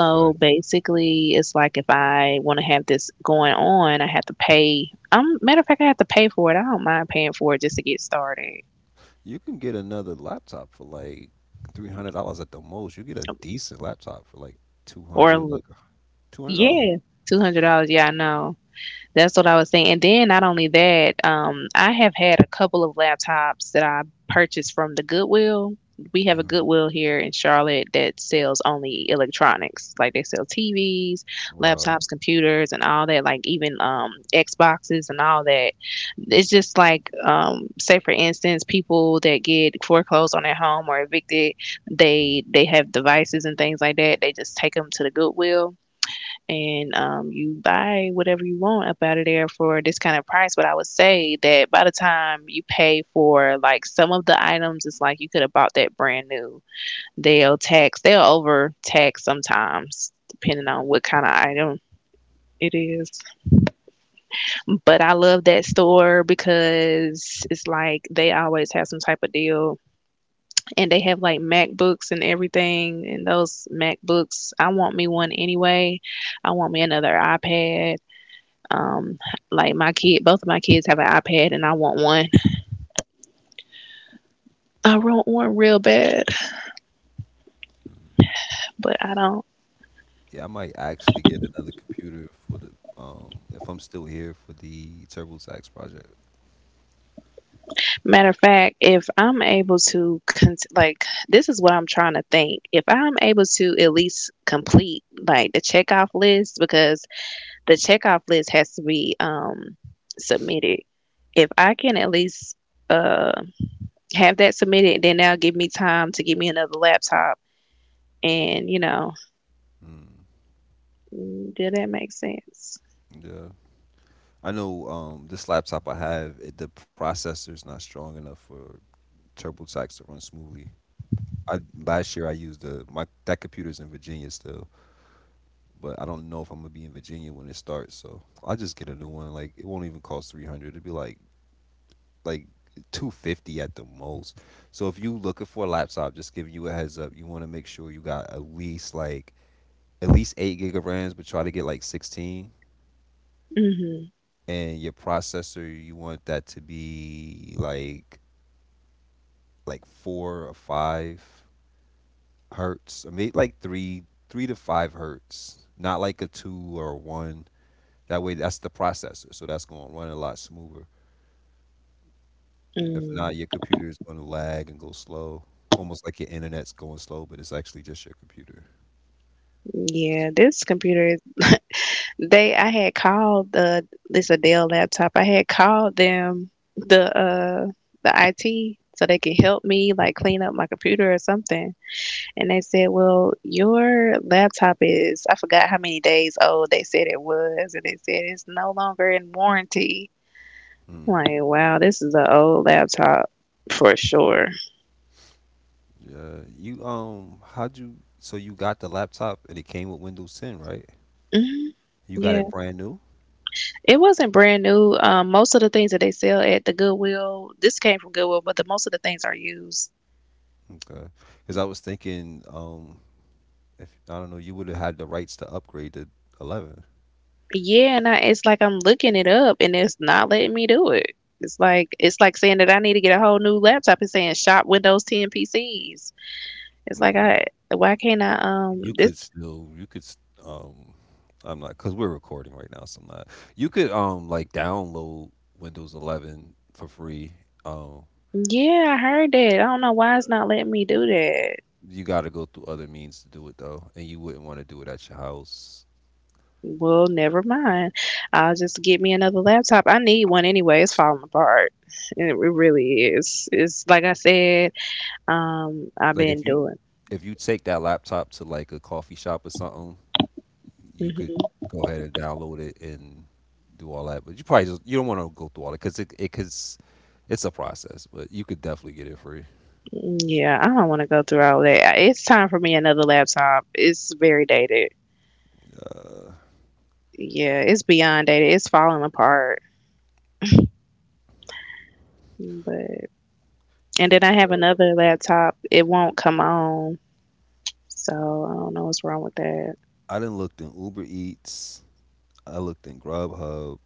S1: I got you.
S2: basically, it's like if I want to have this going on, I have to pay. Um, matter of fact, I have to pay for it. I don't mind paying for it just to get started.
S1: You can get another laptop for, like, three hundred dollars at the most. You get a decent laptop for, like, two hundred,
S2: Or
S1: like, two hundred dollars.
S2: yeah, two hundred dollars. Yeah, I know. That's what I was saying. And then not only that, um, I have had a couple of laptops that I purchased from the Goodwill. We have a
S1: Mhm.
S2: Goodwill here in Charlotte that sells only electronics. Like they sell T Vs,
S1: Wow.
S2: laptops, computers, and all that. Like even um Xboxes and all that. It's just like um say for instance people that get foreclosed on their home or evicted,
S1: Mm.
S2: they they have devices and things like that. They just take them to the Goodwill, and um you buy whatever you want up out of there for this kind of price. But I would say that by the time you pay for like some of the items, it's like you could have bought that brand new. They'll tax they'll over tax sometimes depending on what kind of item it is. But I love that store because it's like they always have some type of deal, and they have like MacBooks and everything. And those MacBooks, I want me one anyway. I want me another iPad. Um, like my kid, both of my kids have an iPad and I want one. I want one real bad, but I don't.
S1: Yeah, I might actually get another computer for the, um if I'm still here for the TurboTax project.
S2: Matter of fact, if I'm able to, con- like, this is what I'm trying to think. If I'm able to at least complete like the checkoff list, because the checkoff list has to be um, submitted. If I can at least uh, have that submitted, then that'll give me time to get me another laptop. And you know,
S1: Mm.
S2: mm, did that make sense?
S1: Yeah. I know, um this laptop I have, it, the processor's not strong enough for TurboTax to run smoothly. I Last year I used the my that computer's in Virginia still, but I don't know if I'm gonna be in Virginia when it starts, so I'll just get a new one. Like it won't even cost three hundred. It'd be like like two hundred fifty at the most. So if you looking for a laptop, just giving you a heads up, you want to make sure you got at least like at least eight gig of RAMs, but try to get like sixteen,
S2: Mm-hmm.
S1: and your processor you want that to be like like four or five hertz. I mean like 3 3 to five hertz, not like a two or a one. That way that's the processor. So that's going to run a lot smoother. If not,
S2: Mm.
S1: your computer is gonna lag and go slow, almost like your internet's going slow, but it's actually just your computer.
S2: Yeah, this computer. They, I had called the this a Dell laptop. I had called them the uh the I T so they could help me like clean up my computer or something. And they said, well, your laptop is, I forgot how many days old they said it was. And they said, it's no longer in warranty. I'm
S1: Hmm.
S2: like, wow, this is an old laptop for sure.
S1: Yeah. You, um, how'd you? So you got the laptop and it came with Windows ten, right?
S2: Mhm.
S1: You got
S2: Yeah.
S1: it brand new?
S2: It wasn't brand new. Um, most of the things that they sell at the Goodwill, this came from Goodwill, but the most of the things are used.
S1: Okay. Because I was thinking, um, if I don't know, you would have had the rights to upgrade to eleven.
S2: Yeah. And I, it's like I'm looking it up and it's not letting me do it. It's like it's like saying that I need to get a whole new laptop, and saying shop Windows ten P Cs. It's like
S1: Mm.
S2: I why can't I um
S1: You
S2: this
S1: could still, you could, s- um, I'm not, because we're recording right now, so I'm not. You could, um, like download Windows eleven for free. um.
S2: yeah, I heard that. I don't know why it's not letting me do that.
S1: You got to go through other means to do it though, and you wouldn't want to do it at your house.
S2: Well, never mind. I'll just get me another laptop. I need one anyway. It's falling apart. It really is. It's like I said, um I've
S1: Like
S2: been
S1: if you
S2: doing.
S1: if you take that laptop to like a coffee shop or something, you could
S2: hmm
S1: go ahead and download it and do all that. But you probably just you don't want to go through all that because it it cause it's a process. But you could definitely get it free.
S2: Yeah, I don't want to go through all that. It's time for me another laptop. It's very dated.
S1: Uh,
S2: Yeah, it's beyond dated. It's falling apart. But and then I have
S1: Yo.
S2: another laptop. It won't come on. So I don't know what's wrong with that.
S1: I didn't looked in Uber Eats. I looked in Grubhub,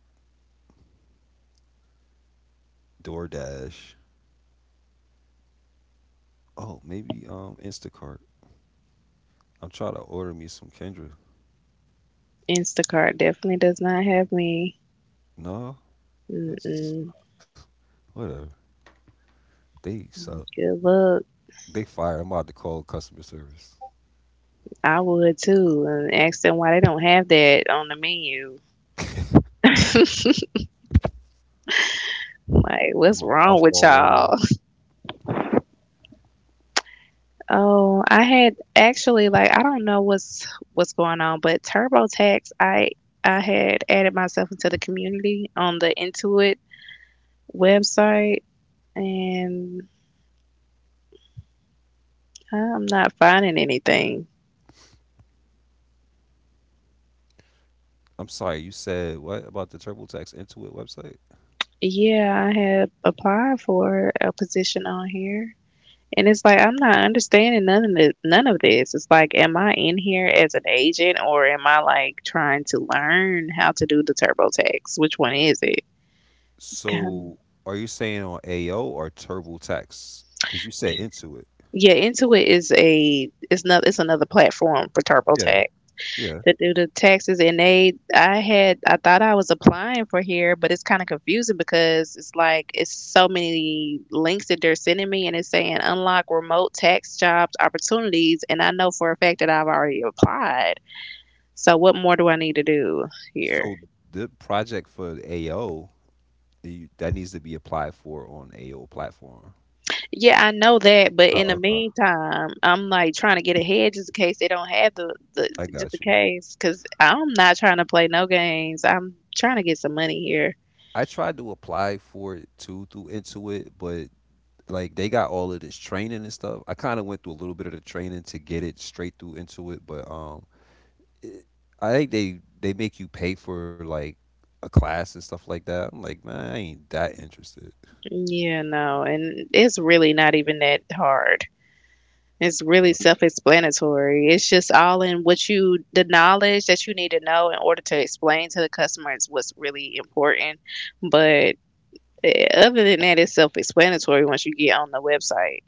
S1: DoorDash. Oh, maybe um Instacart. I'm trying to order me some Kendra.
S2: Instacart definitely does not have me.
S1: No, that's
S2: Mm-mm.
S1: whatever. They suck.
S2: Good luck.
S1: They fire. I'm about to call customer service.
S2: I would too, and ask them why they don't have that on the menu. Like,
S1: I'm
S2: what's
S1: a, I'll
S2: wrong with
S1: fall water.
S2: y'all? Oh, I had actually like I don't know what's what's going on, but TurboTax, I I had added myself into the community on the Intuit website, and I'm not finding anything.
S1: I'm sorry, you said what about the TurboTax Intuit website?
S2: Yeah, I had applied for a position on here. And it's like I'm not understanding none of this, none of this. It's like, am I in here as an agent or am I like trying to learn how to do the TurboTax? Which one is it? It's kind of
S1: So are you saying on A O or TurboTax? Because you said Intuit.
S2: yeah. Intuit is a it's not it's another platform for
S1: Yeah,
S2: TurboTax
S1: yeah.
S2: to do the taxes, and they I had I thought I was applying for here, but it's kind of confusing because it's like it's so many links that they're sending me and it's saying unlock remote tax jobs opportunities, and I know for a fact that I've already applied. So what more do I need to do here?
S1: So the project for A O, you, that needs to be applied for on A O platform.
S2: Yeah, I know that, but in the
S1: Oh, okay.
S2: meantime, I'm like trying to get ahead just in case they don't have the, the
S1: I
S2: just in
S1: got you.
S2: case, cuz I'm not trying to play no games. I'm trying to get some money here.
S1: I tried to apply for it too through Intuit, but like they got all of this training and stuff. I kind of went through a little bit of the training to get it straight through into it, but, um, it, I think they they make you pay for like a class and stuff like that. I'm like, man, I ain't that interested.
S2: Yeah, no, and it's really not even that hard. It's really
S1: Uh,
S2: self-explanatory. It's just all in what you, the knowledge that you need to know in order to explain to the customers what's really important. But eh, other than that, it's self-explanatory once you get on the website.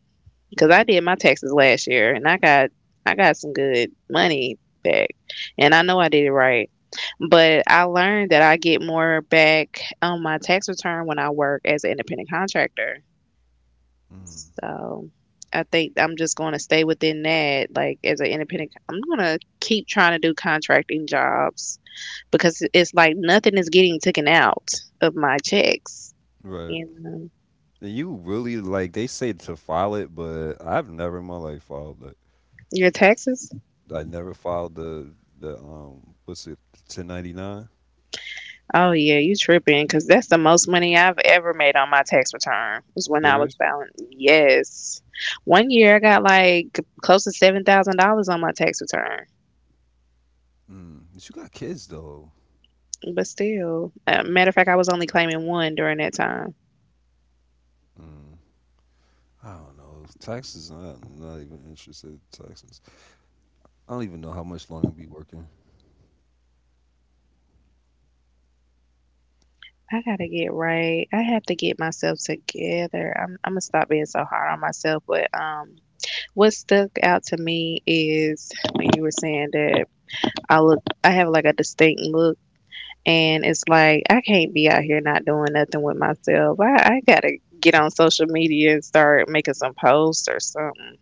S2: Because I did my taxes last year, and I got I got some good money back, and I know I did it right. But I learned that I get more back on my tax return when I work as an independent contractor,
S1: mm
S2: so I think I'm just going to stay within that. Like as an independent, I'm going to keep trying to do contracting jobs because it's like nothing is getting taken out of my checks.
S1: Right.
S2: And um,
S1: And you really like they say to file it, but I've never in my life filed it.
S2: your taxes?
S1: I never filed the the um what's it, ten ninety nine?
S2: Oh yeah, you tripping? Because that's the most money I've ever made on my tax return was when I was
S1: Serious?
S2: filing. Yes, one year I got like close to seven thousand dollars on my tax return.
S1: Mm. But you got kids though.
S2: But still, uh, matter of fact, I was only claiming one during that time.
S1: Mm. I don't know. Taxes, I'm not even interested in taxes. I don't even know how much longer I'll be working.
S2: I gotta get right. I have to get myself together. I'm I'm gonna stop being so hard on myself. But um, what stuck out to me is when you were saying that I look, I have like a distinct look, and it's like I can't be out here not doing nothing with myself. I I gotta get on social media and start making some posts or something.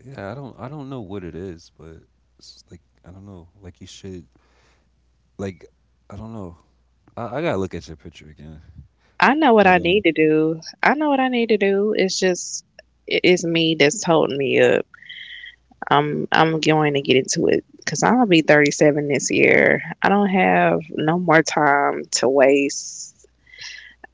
S1: Yeah, I don't I don't know what it is, but it's like I don't know. Like you should, like I don't know. I, I gotta look at your picture again.
S2: I know what
S1: But
S2: I need
S1: um
S2: to do. I know what I need to do. It's just it- it's me that's holding me up. I'm I'm going to get into it because I'm gonna be thirty-seven this year. I don't have no more time to waste.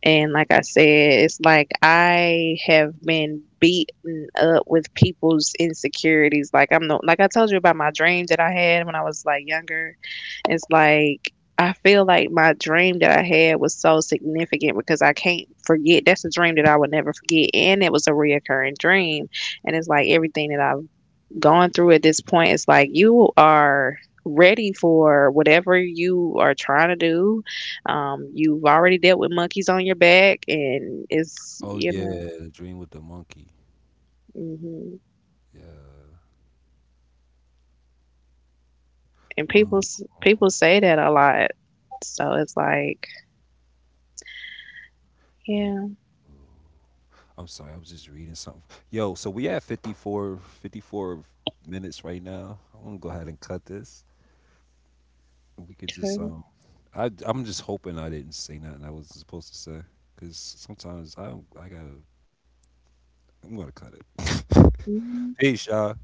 S2: And like I said, it's like I have been beaten up with people's insecurities. Like I'm no, like I told you about my dream that I had when I was like younger. It's like I feel like my dream that I had was so significant because I can't forget. That's a dream that I would never forget, and it was a reoccurring dream. And it's like everything that I've going through at this point, it's like you are ready for whatever you are trying to do. Um, you've already dealt with monkeys on your back, and it's
S1: Oh
S2: you know.
S1: yeah, the dream with the monkey.
S2: hmm
S1: Yeah.
S2: and people
S1: Um,
S2: people say that a lot, so it's like
S1: yeah.
S2: yeah.
S1: I'm sorry, I was just reading something. Yo, so we at fifty-four, fifty-four minutes right now. I'm gonna go ahead and cut this. We could just,
S2: Okay.
S1: um, I I'm just hoping I didn't say nothing I wasn't supposed to say, cause sometimes I don't, I gotta, I'm gonna cut it.
S2: Mm-hmm.
S1: Peace, y'all.